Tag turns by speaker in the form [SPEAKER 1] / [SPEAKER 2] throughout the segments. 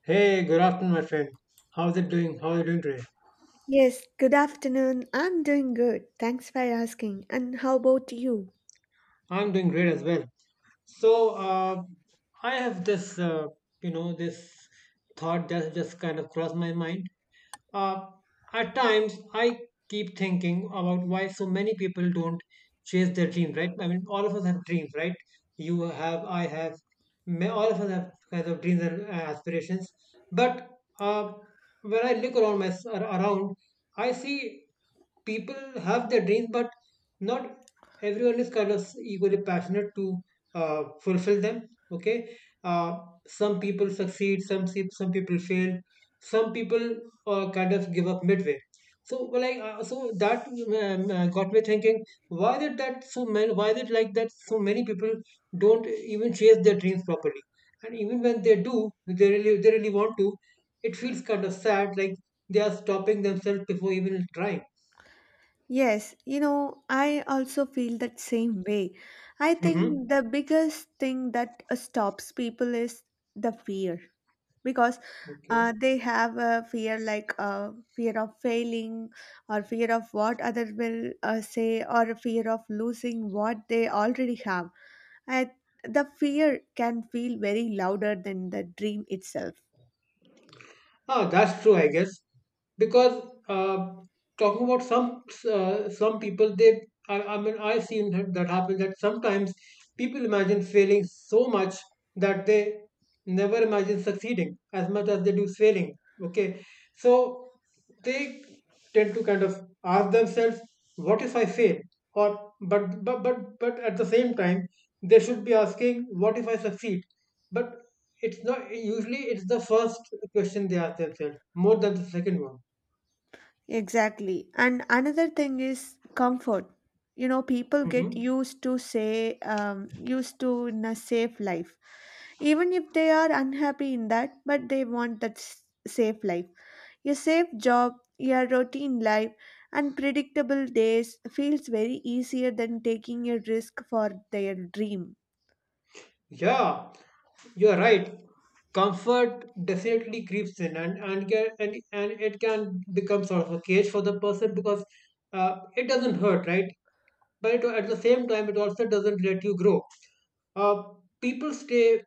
[SPEAKER 1] Hey, good afternoon, my friend. How's it doing? How are you doing today?
[SPEAKER 2] Yes, good afternoon. I'm doing good. Thanks for asking. And how about you?
[SPEAKER 1] I'm doing great as well. So, uh, I have this thought that just kind of crossed my mind. Uh, at times, I keep thinking about why so many people don't chase their dreams, right? I mean, all of us have dreams, right? You have, I have, all of us have kinds of dreams and aspirations. But uh, when I look around, I see people have their dreams, but not everyone is kind of equally passionate to fulfill them. Okay, uh, some people succeed, some people fail, some people kind of give up midway. So, well, like, so that got me thinking: why is it that so many? Why is it like that? So many people don't even chase their dreams properly, and even when they do, they really want to. It feels kind of sad, like they are stopping themselves before even trying.
[SPEAKER 2] Yes, you know, I also feel that same way. I
[SPEAKER 1] Mhm.
[SPEAKER 2] think the biggest thing that stops people is the fear because
[SPEAKER 1] Okay.
[SPEAKER 2] they have a fear like fear of failing or fear of what other will say or a fear of losing what they already have. I, the fear can feel very louder than the dream itself.
[SPEAKER 1] Oh, that's true, I guess. Because talking about some people, they I mean I've seen that happen that sometimes people imagine failing so much that they never imagine succeeding as much as they do failing. Okay, so they tend to kind of ask themselves, "What if I fail?" Or but at the same time, they should be asking, "What if I succeed?" But it's not usually it's the first question they ask themselves more than the second one.
[SPEAKER 2] Exactly. And another thing is comfort. You know, people
[SPEAKER 1] Hmm.
[SPEAKER 2] get used to say, used to in a safe life. Even if they are unhappy in that, but they want that safe life. Your safe job, your routine life, and predictable days feels very easier than taking a risk for their dream.
[SPEAKER 1] Yeah, you're right. Comfort definitely creeps in, and it can become sort of a cage for the person because it doesn't hurt, right? But it, at the same time, it also doesn't let you grow. Uh, People stay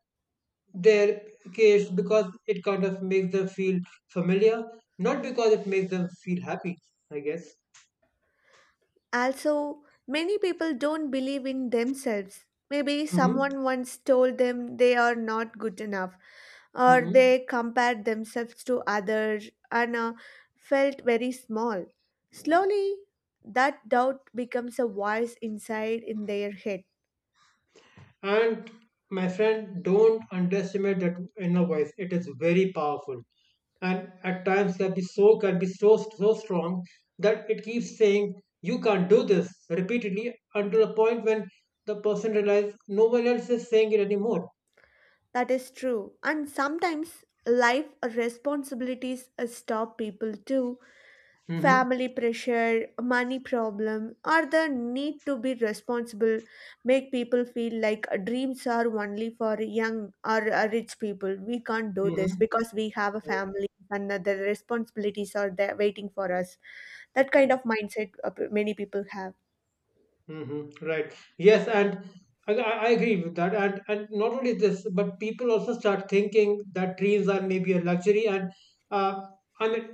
[SPEAKER 1] their cage because it kind of makes them feel familiar, not because it makes them feel happy. I guess.
[SPEAKER 2] Also, many people don't believe in themselves. Maybe
[SPEAKER 1] Hmm.
[SPEAKER 2] someone once told them they are not good enough or
[SPEAKER 1] Mhm.
[SPEAKER 2] they compared themselves to others and felt very small. Slowly, that doubt becomes a voice inside in their head.
[SPEAKER 1] And my friend, don't underestimate that inner voice. It is very powerful, and at times can be so strong that it keeps saying you can't do this repeatedly until the point when the person realizes no one else is saying it anymore.
[SPEAKER 2] That is true. And sometimes life responsibilities stop people too.
[SPEAKER 1] Mm-hmm.
[SPEAKER 2] Family pressure, money problem, or the need to be responsible make people feel like dreams are only for young or rich people. We can't do this
[SPEAKER 1] Mm-hmm.
[SPEAKER 2] because we have a family and the responsibilities are there waiting for us. That kind of mindset many people have.
[SPEAKER 1] Hmm. Right. Yes, and I agree with that. And not only this, but people also start thinking that dreams are maybe a luxury, and uh, I mean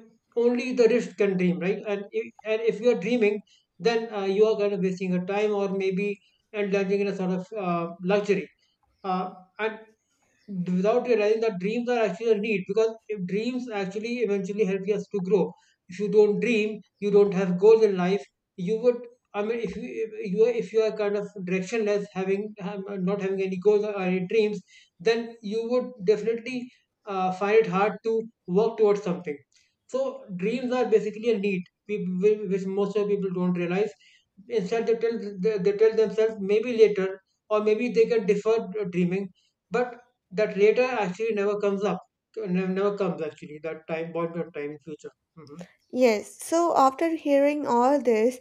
[SPEAKER 1] only the rich can dream, right? And if you are dreaming, then you are kind of wasting your time, or maybe indulging in a sort of luxury. Uh, and without realizing that dreams are actually a need, because if dreams actually eventually help us to grow. If you don't dream, you don't have goals in life. You would I mean, if you are kind of directionless, having not having any goals or any dreams, then you would definitely find it hard to work towards something. So dreams are basically a need, which most of the people don't realize. Instead, they tell themselves maybe later, or maybe they can defer dreaming, but that later actually never comes up. Never comes actually that time point of time in future. Mhm.
[SPEAKER 2] Yes, so after hearing all this,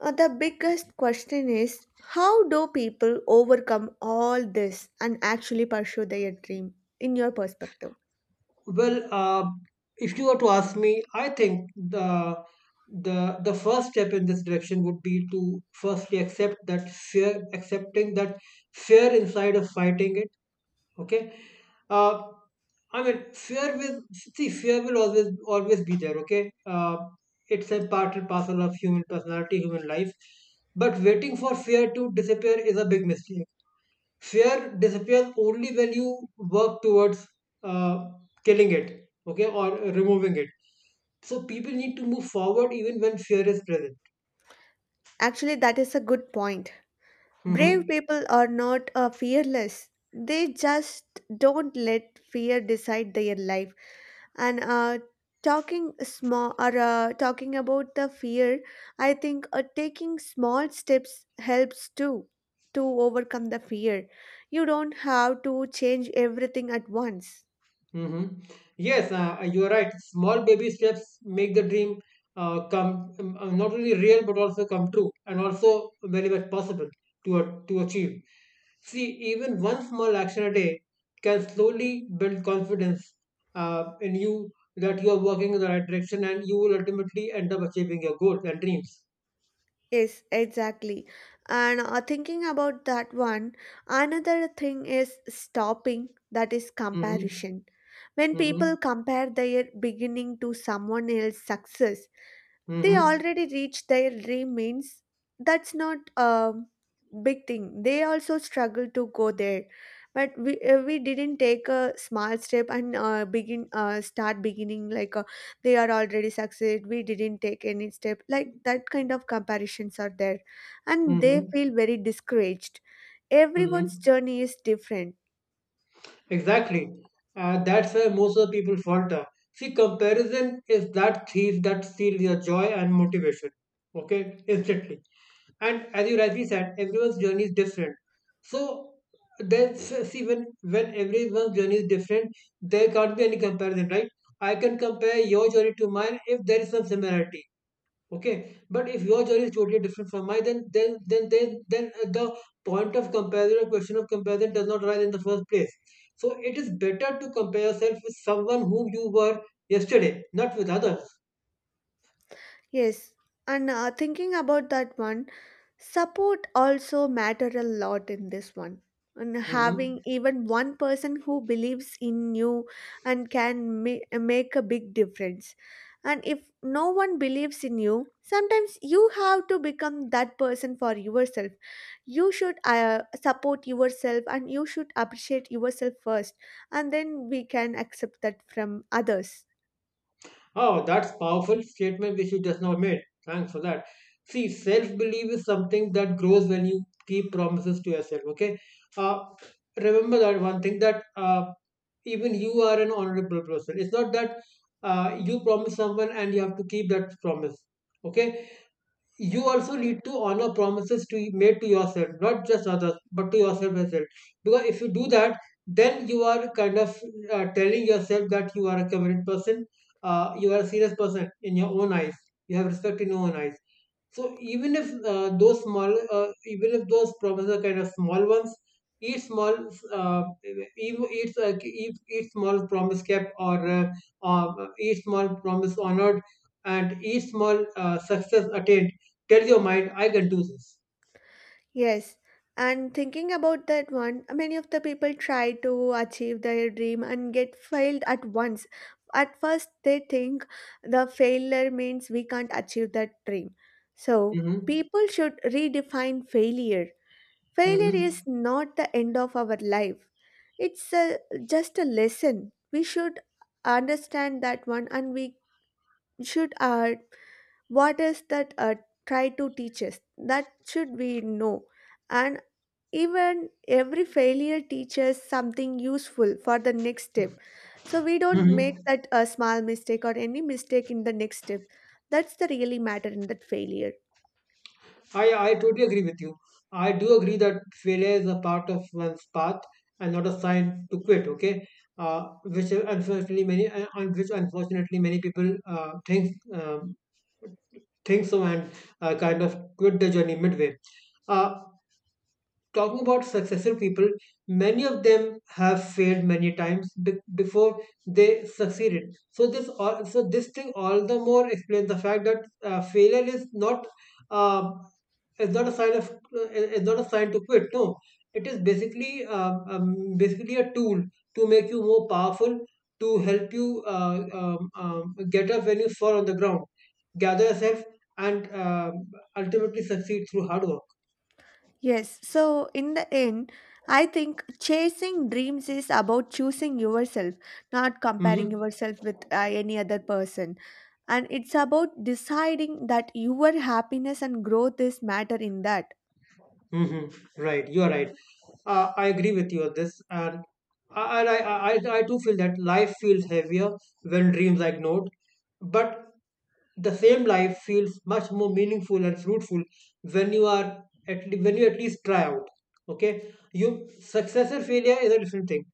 [SPEAKER 2] the biggest question is how do people overcome all this and actually pursue their dream in your perspective?
[SPEAKER 1] Well, if you were to ask me, I think the first step in this direction would be to firstly accept that fear, accepting that fear inside of fighting it. Okay, uh, I mean fear will always be there. Okay, it's a part and parcel of human personality, human life. But waiting for fear to disappear is a big mistake. Fear disappears only when you work towards uh, killing it, okay, or removing it. So people need to move forward even when fear is present.
[SPEAKER 2] Actually, that is a good point.
[SPEAKER 1] Hmm.
[SPEAKER 2] Brave people are not fearless. They just don't let fear decide their life. And talking small or talking about the fear, I think taking small steps helps too to overcome the fear. You don't have to change everything at once.
[SPEAKER 1] Mm-hmm. Yes, you are right. Small baby steps make the dream come not only real but also come true, and also very much possible to achieve. See, even one small action a day can slowly build confidence in you that you are working in the right direction, and you will ultimately end up achieving your goals and dreams.
[SPEAKER 2] Yes, exactly. And thinking about that one, another thing is stopping that is
[SPEAKER 1] Mm-hmm.
[SPEAKER 2] comparison. When
[SPEAKER 1] Mm-hmm.
[SPEAKER 2] people compare their beginning to someone else's success, they
[SPEAKER 1] Mm-hmm.
[SPEAKER 2] already reached their dream means that's not a big thing. They also struggle to go there, but we didn't take a small step and begin start beginning like they are already succeed. We didn't take any step like that. Kind of comparisons are there, and they
[SPEAKER 1] Mm-hmm.
[SPEAKER 2] feel very discouraged. Everyone's
[SPEAKER 1] Mm-hmm.
[SPEAKER 2] journey is different.
[SPEAKER 1] Exactly. That's where most of the people falter. See, comparison is that thief that steals your joy and motivation. Okay, instantly. And as you rightly said, everyone's journey is different. So there's see, when everyone's journey is different, there can't be any comparison, right? I can compare your journey to mine if there is some similarity, okay, but if your journey is totally different from mine, then the point of comparison or question of comparison does not arise in the first place. So it is better to compare yourself with someone whom you were yesterday, not with others.
[SPEAKER 2] Yes, and thinking about that one, support also matter a lot in this one. And
[SPEAKER 1] Hmm.
[SPEAKER 2] having even one person who believes in you and can make a big difference. And if no one believes in you, sometimes you have to become that person for yourself. You should support yourself and you should appreciate yourself first, and then we can accept that from others.
[SPEAKER 1] Oh, that's powerful statement which you just now made. Thanks for that. See, self-belief is something that grows when you keep promises to yourself. Okay. Uh, Remember that one thing, that even you are an honorable person. It's not that you promise someone and you have to keep that promise. Okay, you also need to honor promises to made to yourself, not just others but to yourself as well, because if you do that, then you are kind of telling yourself that you are a committed person, you are a serious person in your own eyes, you have respect in your own eyes. So even if those problems are kind of small ones, each small, each small promise kept or each small promise honored, and each small success attained, tell your mind, I can do this.
[SPEAKER 2] Yes, and thinking about that one, many of the people try to achieve their dream and get failed at once. At first, they think the failure means we can't achieve that dream. So,
[SPEAKER 1] Mm-hmm.
[SPEAKER 2] people should redefine failure. Failure is
[SPEAKER 1] Mm-hmm.
[SPEAKER 2] not the end of our life, it's a, just a lesson. We should understand that one and we should what is that try to teach us that should we know. And even every failure teaches something useful for the next step, so we don't make
[SPEAKER 1] Mm-hmm.
[SPEAKER 2] that a small mistake or any mistake in the next step. That's the really matter in that failure.
[SPEAKER 1] I totally agree with you. I do agree that failure is a part of one's path and not a sign to quit. Okay, which unfortunately many on which unfortunately many people think so, and kind of quit the journey midway. Uh, Talking about successful people, many of them have failed many times before they succeeded. So this thing all the more explains the fact that failure uh, is not a sign of is not a sign to quit. No, it is basically basically a tool to make you more powerful, to help you get up when you fall on the ground, gather yourself, and ultimately succeed through hard work.
[SPEAKER 2] Yes, so in the end, I think chasing dreams is about choosing yourself, not comparing
[SPEAKER 1] Mhm.
[SPEAKER 2] yourself with any other person. And it's about deciding that your happiness and growth is matter in that.
[SPEAKER 1] Hmm. Right, you are right. I agree with you on this, and I too feel that life feels heavier when dreams are ignored. But the same life feels much more meaningful and fruitful when you are when you at least try out. Okay, you success or failure is a different thing,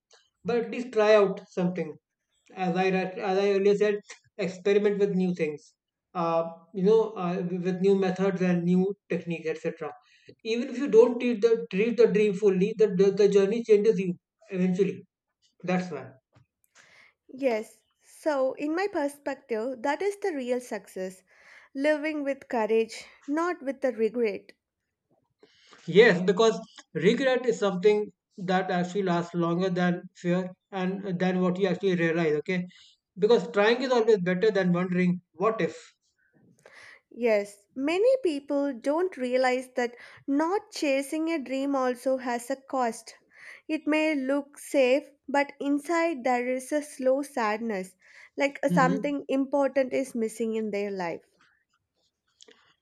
[SPEAKER 1] but at least try out something. As I earlier said, experiment with new things, with new methods and new techniques, etc. Even if you don't treat the dream fully, the journey changes you eventually. That's why.
[SPEAKER 2] Yes, so in my perspective, that is the real success, living with courage, not with the regret.
[SPEAKER 1] Yes, because regret is something that actually lasts longer than fear and than what you actually realize. Okay, because trying is always better than wondering what if.
[SPEAKER 2] Yes, many people don't realize that not chasing a dream also has a cost. It may look safe, but inside there is a slow sadness, like something important is missing in their life.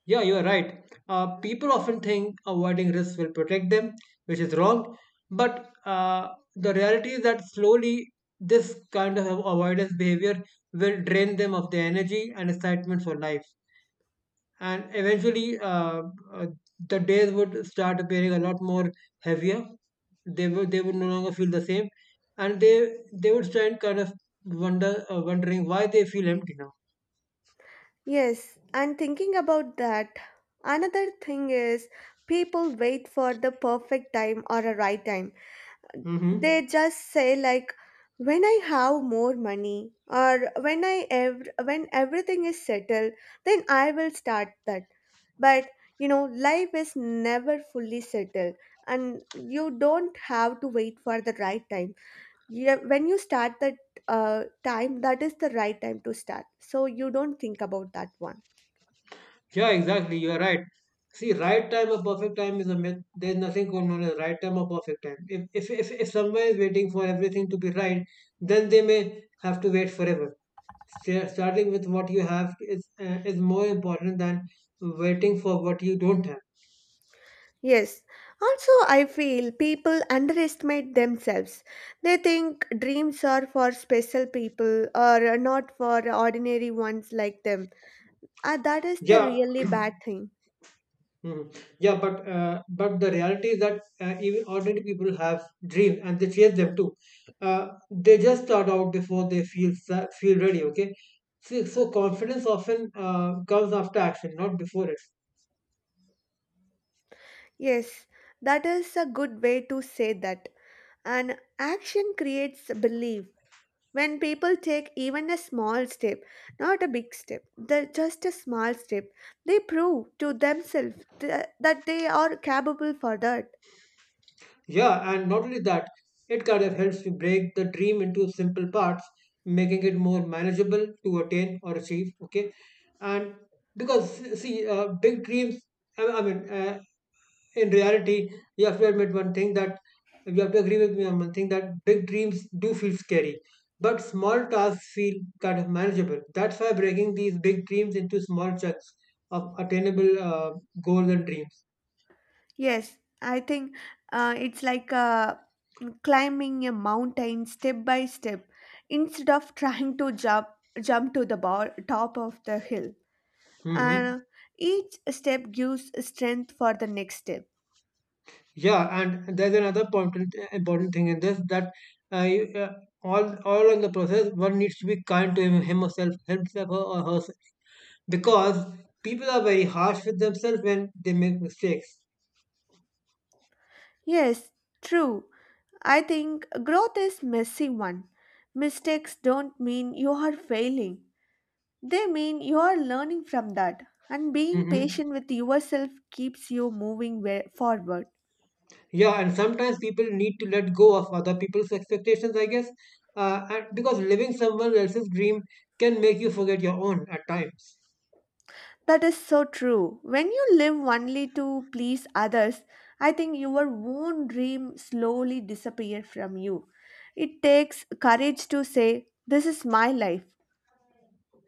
[SPEAKER 1] Yeah, you are right. People often think avoiding risks will protect them, which is wrong. But the reality is that slowly this kind of avoidance behavior will drain them of their energy and excitement for life. And eventually, uh, the days would start appearing a lot more heavier. They would no longer feel the same, and they would start kind of wondering why they feel empty now.
[SPEAKER 2] Yes, and thinking about that, another thing is people wait for the perfect time or a right time.
[SPEAKER 1] Mm-hmm.
[SPEAKER 2] They just say like, when I have more money or when when everything is settled, then I will start that. But you know, life is never fully settled, and you don't have to wait for the right time. Yeah, when you start that uh, time, that is the right time to start, so you don't think about that one.
[SPEAKER 1] Yeah, exactly. You are right. See, right time or perfect time is a myth. There's nothing called known as right time or perfect time. If someone is waiting for everything to be right, then they may have to wait forever. Starting with what you have is more important than waiting for what you don't have.
[SPEAKER 2] Yes. Also, I feel people underestimate themselves. They think dreams are for special people or not for ordinary ones like them. Ah, that is the
[SPEAKER 1] Yeah.
[SPEAKER 2] really bad thing.
[SPEAKER 1] Mhm. Yeah, but the reality is that even ordinary people have dreams and they chase them too. They just start out before they feel ready. Okay, so confidence often comes after action, not before it.
[SPEAKER 2] Yes, that is a good way to say that. And action creates belief. When people take even a small step, not a big step, the, just a small step, they prove to themselves that they are capable for that.
[SPEAKER 1] Yeah, and not only that, it kind of helps you break the dream into simple parts, making it more manageable to attain or achieve. Okay, and because see, big dreams. I I mean, uh, in reality, you have to admit one thing that you have to agree with me on one thing, that big dreams do feel scary, but small tasks feel kind of manageable. That's why breaking these big dreams into small chunks of attainable goals and dreams.
[SPEAKER 2] Yes, I think it's like climbing a mountain step by step instead of trying to jump to the top of the hill.
[SPEAKER 1] hmm
[SPEAKER 2] And each step gives strength for the next step.
[SPEAKER 1] Yeah, and there's another important thing in this that uh, you, uh, all in the process one needs to be kind to himself or herself because people are very harsh with themselves when they make mistakes.
[SPEAKER 2] Yes, true. I think growth is messy one. Mistakes don't mean you are failing. They mean you are learning from that. And being
[SPEAKER 1] hmm
[SPEAKER 2] patient with yourself keeps you moving forward.
[SPEAKER 1] Yeah, and sometimes people need to let go of other people's expectations, I guess, and because living someone else's dream can make you forget your own at times.
[SPEAKER 2] That is so true. When you live only to please others, I think your own dream slowly disappears from you. It takes courage to say, "This is my life."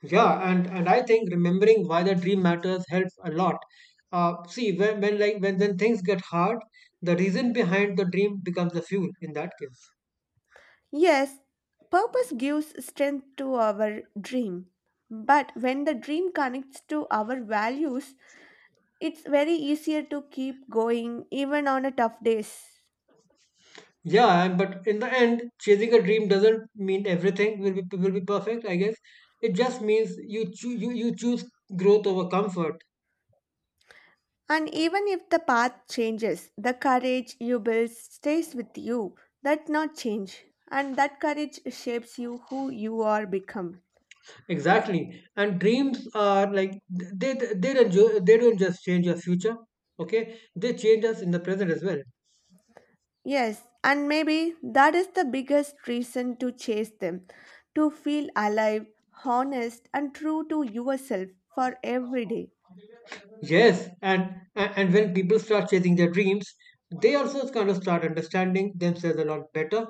[SPEAKER 1] Yeah, and I think remembering why the dream matters helps a lot. See, when like when things get hard, the reason behind the dream becomes the fuel in that case.
[SPEAKER 2] Yes, purpose gives strength to our dream. But when the dream connects to our values, it's very easier to keep going even on a tough days.
[SPEAKER 1] Yeah, and but in the end, chasing a dream doesn't mean everything will be perfect, I guess. It just means you choose growth over comfort.
[SPEAKER 2] And even if the path changes, the courage you build stays with you. That not change. And that courage shapes you who you are become.
[SPEAKER 1] Exactly. And dreams are like they don't just change your future, okay? They change us in the present as well.
[SPEAKER 2] Yes, and maybe that is the biggest reason to chase them. To feel alive, honest, and true to yourself for every day.
[SPEAKER 1] Yes, and when people start chasing their dreams, they also kind of start understanding themselves a lot better.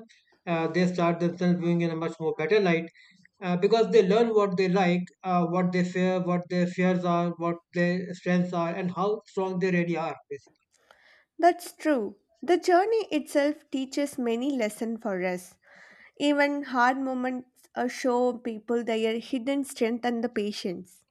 [SPEAKER 1] They start themselves viewing in a much more better light because they learn what they like, what they fear, what their fears are, what their strengths are, and how strong they really are. Basically.
[SPEAKER 2] That's true. The journey itself teaches many lessons for us. Even hard moments show people their hidden strength and the patience.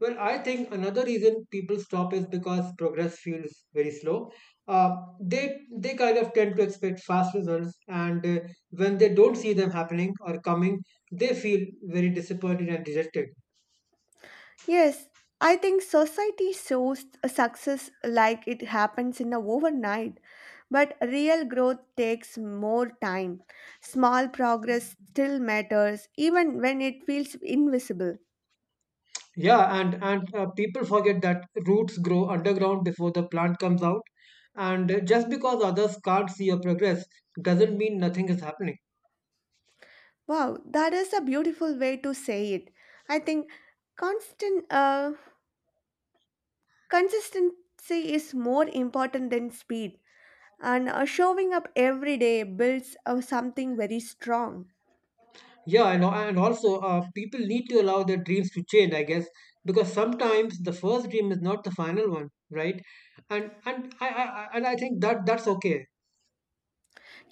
[SPEAKER 1] Well, I think another reason people stop is because progress feels very slow. Uh, they kind of tend to expect fast results, and when they don't see them happening or coming, they feel very disappointed and rejected.
[SPEAKER 2] Yes, I think society shows a success like it happens in a overnight, but real growth takes more time. Small progress still matters even when it feels invisible.
[SPEAKER 1] Yeah, and people forget that roots grow underground before the plant comes out, and just because others can't see your progress doesn't mean nothing is happening.
[SPEAKER 2] Wow, that is a beautiful way to say it. I think constant consistency is more important than speed, and showing up every day builds something very strong.
[SPEAKER 1] Yeah, and also people need to allow their dreams to change, I guess, because sometimes the first dream is not the final one, right? And I think that that's okay.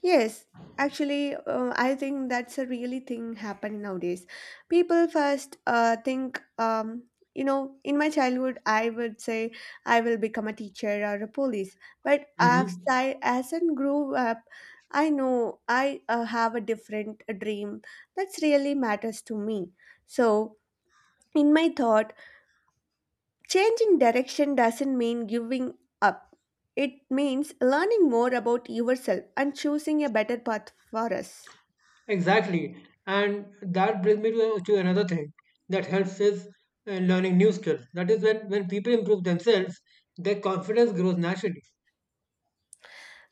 [SPEAKER 2] Yes, actually, I think that's a really thing happening nowadays. People first think, you know, in my childhood, I would say I will become a teacher or a police. But as
[SPEAKER 1] hmm
[SPEAKER 2] I as I grew up, I know I have a different dream that's really matters to me. So, in my thought, changing direction doesn't mean giving up. It means learning more about yourself and choosing a better path for us.
[SPEAKER 1] Exactly, and that brings me to another thing that helps is learning new skills. That is when people improve themselves, their confidence grows naturally.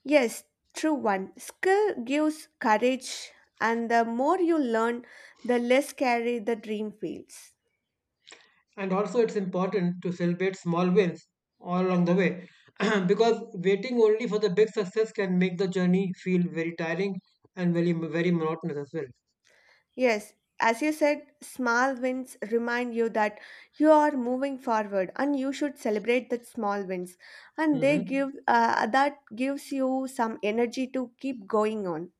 [SPEAKER 2] Yes, true one. Skill gives courage, and the more you learn, the less scary the dream feels.
[SPEAKER 1] And also, it's important to celebrate small wins all along the way because waiting only for the big success can make the journey feel very tiring and very, very monotonous as well.
[SPEAKER 2] Yes, as you said, small wins remind you that you are moving forward, and you should celebrate that small wins, and they
[SPEAKER 1] hmm
[SPEAKER 2] give that gives you some energy to keep going on.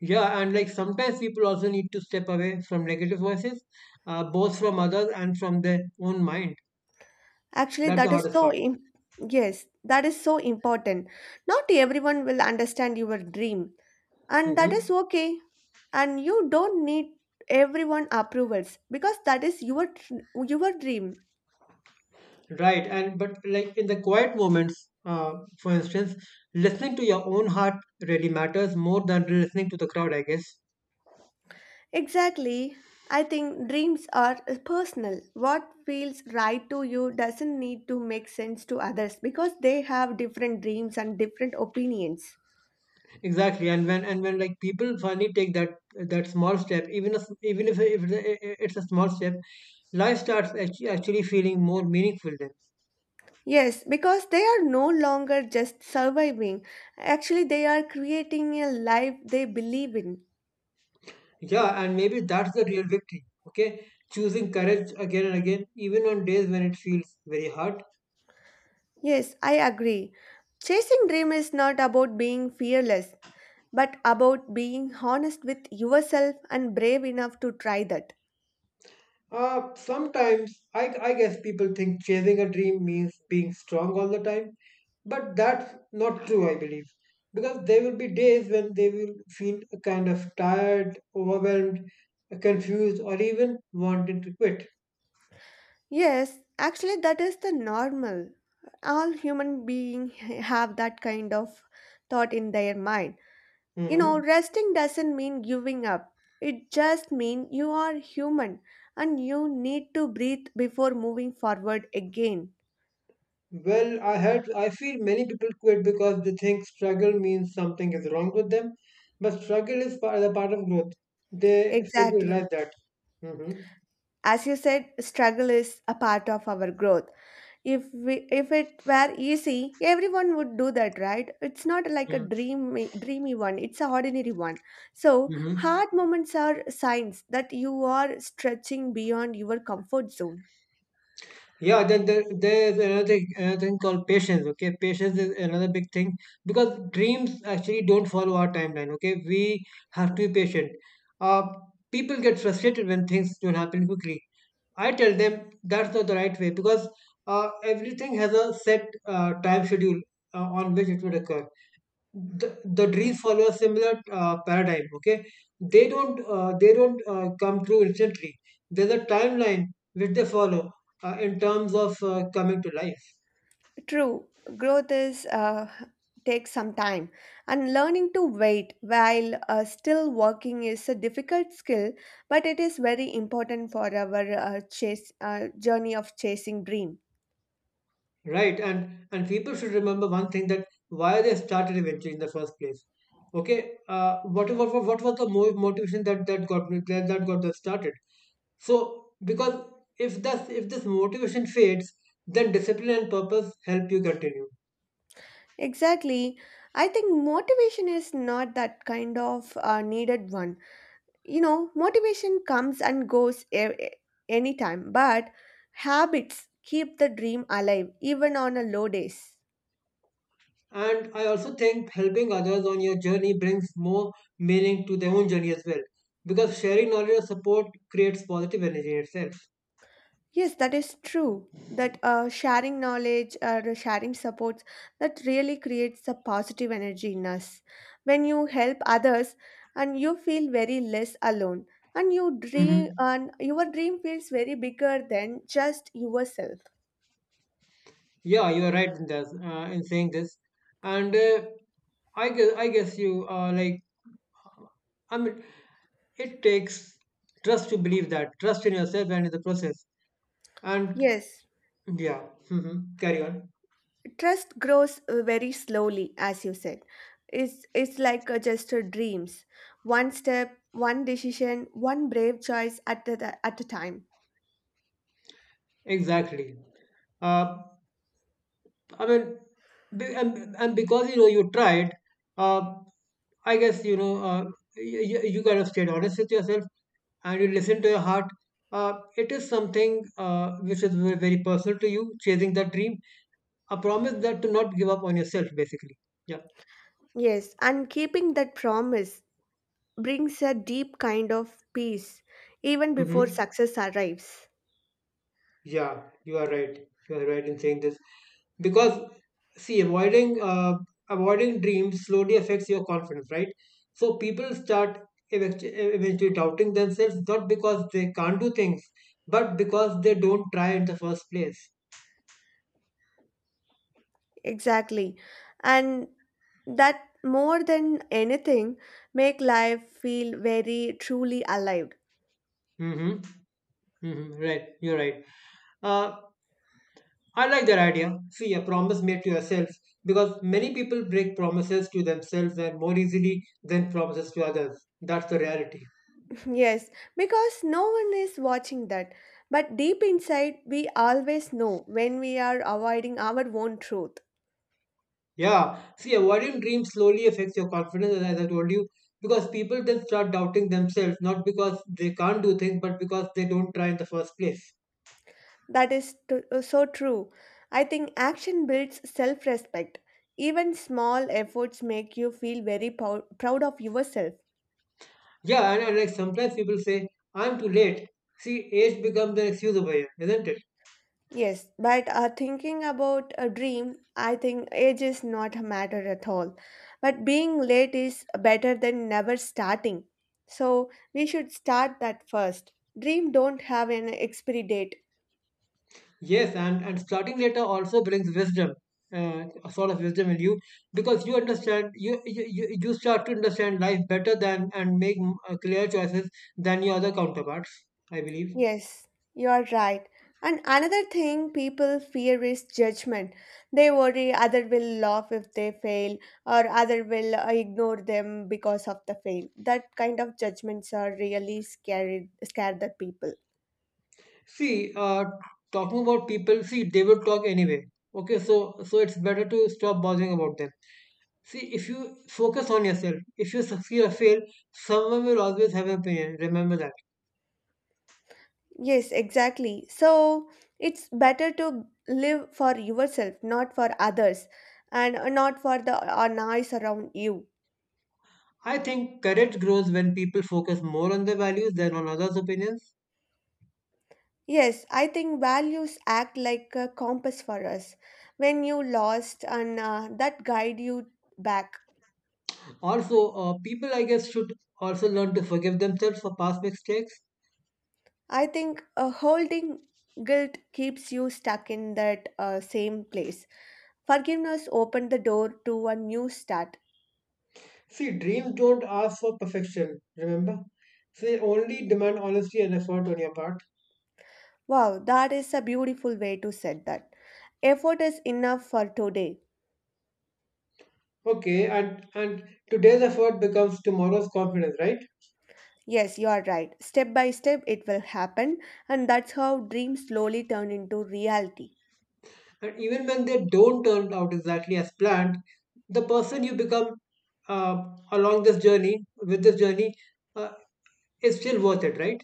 [SPEAKER 1] Yeah, and like sometimes people also need to step away from negative voices, both from others and from their own mind.
[SPEAKER 2] Actually,
[SPEAKER 1] That's the
[SPEAKER 2] that is
[SPEAKER 1] hardest
[SPEAKER 2] so
[SPEAKER 1] part.
[SPEAKER 2] im- Yes, that is so important. Not everyone will understand your dream, and
[SPEAKER 1] hmm
[SPEAKER 2] that is okay. And you don't need everyone approvals because that is your your dream.
[SPEAKER 1] Right, and but like in the quiet moments, for instance, listening to your own heart really matters more than listening to the crowd, I guess.
[SPEAKER 2] Exactly. I think dreams are personal. What feels right to you doesn't need to make sense to others because they have different dreams and different opinions.
[SPEAKER 1] Exactly, and when like people finally take that small step, even if it's a small step, life starts actually feeling more meaningful then.
[SPEAKER 2] Yes, because they are no longer just surviving. Actually, they are creating a life they believe in.
[SPEAKER 1] Yeah, and maybe that's the real victory. Okay, choosing courage again and again, even on days when it feels very hard.
[SPEAKER 2] Yes, I agree. Chasing dream is not about being fearless, but about being honest with yourself and brave enough to try that.
[SPEAKER 1] Sometimes I guess people think chasing a dream means being strong all the time, but that's not true, I believe. Because there will be days when they will feel kind of tired, overwhelmed, confused, or even wanting to quit.
[SPEAKER 2] Yes, actually that is the normal. All human beings have that kind of thought in their mind. You know,
[SPEAKER 1] Mhm.
[SPEAKER 2] resting doesn't mean giving up. It just means you are human and you need to breathe before moving forward again.
[SPEAKER 1] Well, I heard, I feel many people quit because they think struggle means something is wrong with them, but struggle is part, the part of growth. They fail to
[SPEAKER 2] Exactly.
[SPEAKER 1] realize that. hmm
[SPEAKER 2] As you said, struggle is a part of our growth. If we, if it were easy, everyone would do that, right? It's not like a dreamy dreamy one. It's a ordinary one. So
[SPEAKER 1] Mhm.
[SPEAKER 2] hard moments are signs that you are stretching beyond your comfort zone.
[SPEAKER 1] Yeah, then there is another thing called patience. Okay, patience is another big thing because dreams actually don't follow our timeline. Okay, we have to be patient. Uh, People get frustrated when things don't happen quickly. I tell them that's not the right way because everything has a set time schedule on which it would occur the dreams follow a similar paradigm, okay, they don't come true instantly. There's a timeline which they follow in terms of coming to life.
[SPEAKER 2] True, growth is takes some time, and learning to wait while still working is a difficult skill, but it is very important for our chase journey of chasing dream.
[SPEAKER 1] Right, and people should remember one thing, that why they started eventually in the first place. Okay, what was the motivation, that got them started. So because if that if this motivation fades, then discipline and purpose help you continue.
[SPEAKER 2] Exactly, I think motivation is not that kind of needed one. You know, motivation comes and goes anytime, but habits keep the dream alive even on a low days.
[SPEAKER 1] And I also think helping others on your journey brings more meaning to their own journey as well, because sharing knowledge or support creates positive energy in itself.
[SPEAKER 2] Yes, that is true. That sharing knowledge or sharing supports that really creates a positive energy in us. When you help others, and you feel very less alone, and you dream,
[SPEAKER 1] hmm
[SPEAKER 2] and your dream feels very bigger than just yourself.
[SPEAKER 1] Yeah, you are right in this, in saying this, and I guess you like I mean it takes trust to believe, that trust in yourself and in the process, and
[SPEAKER 2] Yes,
[SPEAKER 1] yeah, carry on.
[SPEAKER 2] trust grows very slowly, as you said. It's like just dreams, one step, one decision, one brave choice at the, at a time.
[SPEAKER 1] Exactly. Uh, I mean, and because you know you tried, uh, I guess you know uh, you kind of stayed honest with yourself and you listen to your heart. It is something which is very personal to you, chasing that dream. A promise that to not give up on yourself, basically. Yeah.
[SPEAKER 2] Yes, and keeping that promise brings a deep kind of peace even before
[SPEAKER 1] Mm-hmm.
[SPEAKER 2] success arrives.
[SPEAKER 1] Yeah, you are right. You are right in saying this because see, avoiding avoiding dreams slowly affects your confidence, right? So people start eventually doubting themselves not because they can't do things, but because they don't try in the first place.
[SPEAKER 2] Exactly. And that more than anything make life feel very truly alive.
[SPEAKER 1] Mm-hmm. Mm-hmm. Right. You're right. Uh, I like that idea. See, a promise made to yourself because many people break promises to themselves and more easily than promises to others. That's the reality.
[SPEAKER 2] Yes, because no one is watching that. But deep inside, we always know when we are avoiding our own truth.
[SPEAKER 1] Yeah, see, avoiding dreams slowly affects your confidence, as I told you, because people then start doubting themselves, not because they can't do things, but because they don't try in the first place.
[SPEAKER 2] So true. I think action builds self respect. Even small efforts make you feel very proud of yourself.
[SPEAKER 1] Yeah, and like sometimes people say, I'm too late. See, age becomes an excuse over here, isn't it?
[SPEAKER 2] Yes, but thinking about a dream, I think age is not a matter at all. But being late is better than never starting. So we should start that first. Dream don't have an expiry date.
[SPEAKER 1] Yes, and starting later also brings wisdom, a sort of wisdom in you, because you understand, you start to understand life better than and make clear choices than your other counterparts, I believe.
[SPEAKER 2] Yes, you're right. And another thing people fear is judgment. They worry other will laugh if they fail or other will ignore them because of the fail. That kind of judgments are really scary, scare the people.
[SPEAKER 1] See, talking about people, see, they will talk anyway. Okay, so so it's better to stop bothering about them. See, if you focus on yourself, if you succeed or fail, someone will always have an opinion. Remember that.
[SPEAKER 2] Yes, exactly. So it's better to live for yourself, not for others, and not for the noise around you.
[SPEAKER 1] I think courage grows when people focus more on their values than on others' opinions.
[SPEAKER 2] Yes, I think values act like a compass for us. When you lost, and that guide you back.
[SPEAKER 1] Also, people, I guess, should also learn to forgive themselves for past mistakes.
[SPEAKER 2] I think holding guilt keeps you stuck in that same place. Forgiveness opened the door to a new start.
[SPEAKER 1] See, dreams don't ask for perfection, remember? They only demand honesty and effort on your part.
[SPEAKER 2] Wow, that is a beautiful way to set that. Effort is enough for today.
[SPEAKER 1] Okay, and today's effort becomes tomorrow's confidence, right?
[SPEAKER 2] Yes, you are right. Step by step, it will happen, and that's how dreams slowly turn into reality.
[SPEAKER 1] And even when they don't turn out exactly as planned, the person you become uh, along this journey with this journey uh, is still worth it, right?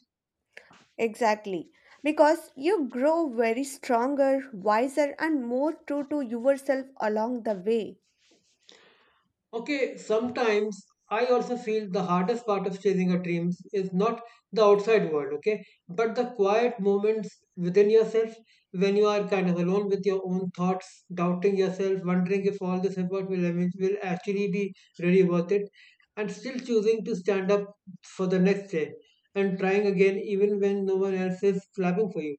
[SPEAKER 2] Exactly. Because you grow very stronger, wiser, and more true to yourself along the way.
[SPEAKER 1] Okay, sometimes I also feel the hardest part of chasing your dreams is not the outside world, okay, but the quiet moments within yourself when you are kind of alone with your own thoughts, doubting yourself, wondering if all this effort will actually be really worth it, and still choosing to stand up for the next day and trying again even when no one else is clapping for you.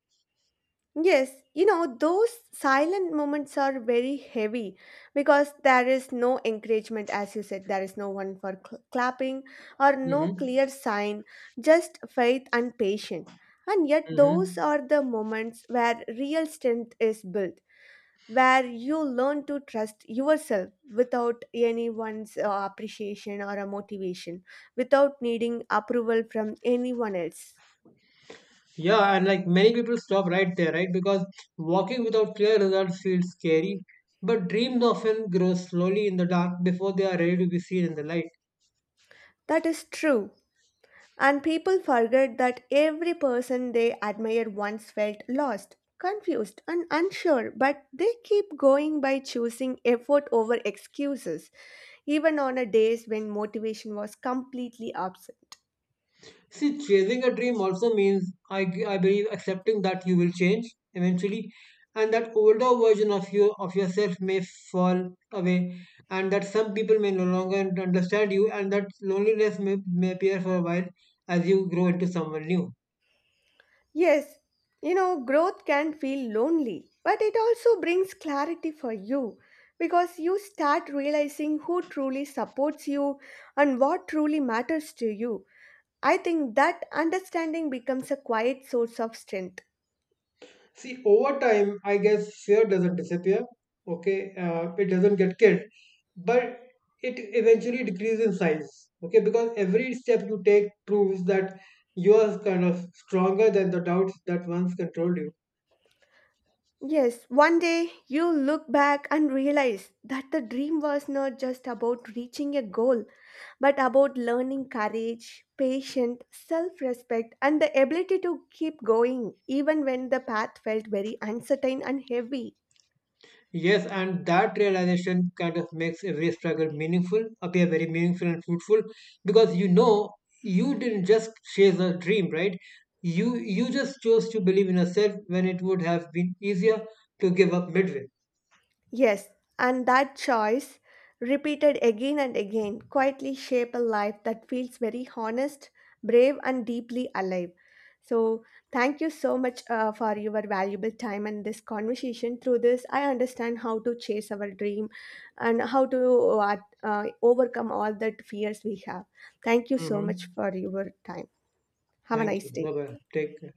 [SPEAKER 2] Yes, you know, those silent moments are very heavy because there is no encouragement, as you said, there is no one for clapping or no
[SPEAKER 1] Mm-hmm.
[SPEAKER 2] clear sign, just faith and patience. And yet, those
[SPEAKER 1] Mm-hmm.
[SPEAKER 2] are the moments where real strength is built, where you learn to trust yourself without anyone's appreciation or a motivation, without needing approval from anyone else.
[SPEAKER 1] Yeah, and like many people stop right there, right? Because walking without clear results feels scary, but dreams often grow slowly in the dark before they are ready to be seen in the light.
[SPEAKER 2] That is true. And people forget that every person they admire once felt lost, confused, and unsure, but they keep going by choosing effort over excuses, even on a days when motivation was completely absent.
[SPEAKER 1] See, chasing a dream also means, I believe, accepting that you will change eventually, and that older version of yourself may fall away, and that some people may no longer understand you, and that loneliness may appear for a while as you grow into someone new.
[SPEAKER 2] Yes, you know, growth can feel lonely, but it also brings clarity for you because you start realizing who truly supports you and what truly matters to you. I think that understanding becomes a quiet source of strength.
[SPEAKER 1] See, over time, I guess fear doesn't disappear. Okay, it doesn't get killed, but it eventually decreases in size. Okay, because every step you take proves that you are kind of stronger than the doubts that once controlled you.
[SPEAKER 2] Yes, one day you look back and realize that the dream was not just about reaching a goal, but about learning courage, patience, self respect, and the ability to keep going even when the path felt very uncertain and heavy.
[SPEAKER 1] Yes, and that realization kind of makes every struggle meaningful, appear very meaningful and fruitful, because you know you didn't just chase a dream, right? You just chose to believe in yourself when it would have been easier to give up midway.
[SPEAKER 2] Yes, and that choice, repeated again and again, quietly shape a life that feels very honest, brave, and deeply alive. So, thank you so much for your valuable time and this conversation. Through this, I understand how to chase our dream and how to overcome all the fears we have. Thank you so much
[SPEAKER 1] Mhm.
[SPEAKER 2] for your time. Have a
[SPEAKER 1] Thank you.
[SPEAKER 2] nice
[SPEAKER 1] Bye
[SPEAKER 2] day.
[SPEAKER 1] bye. Take care.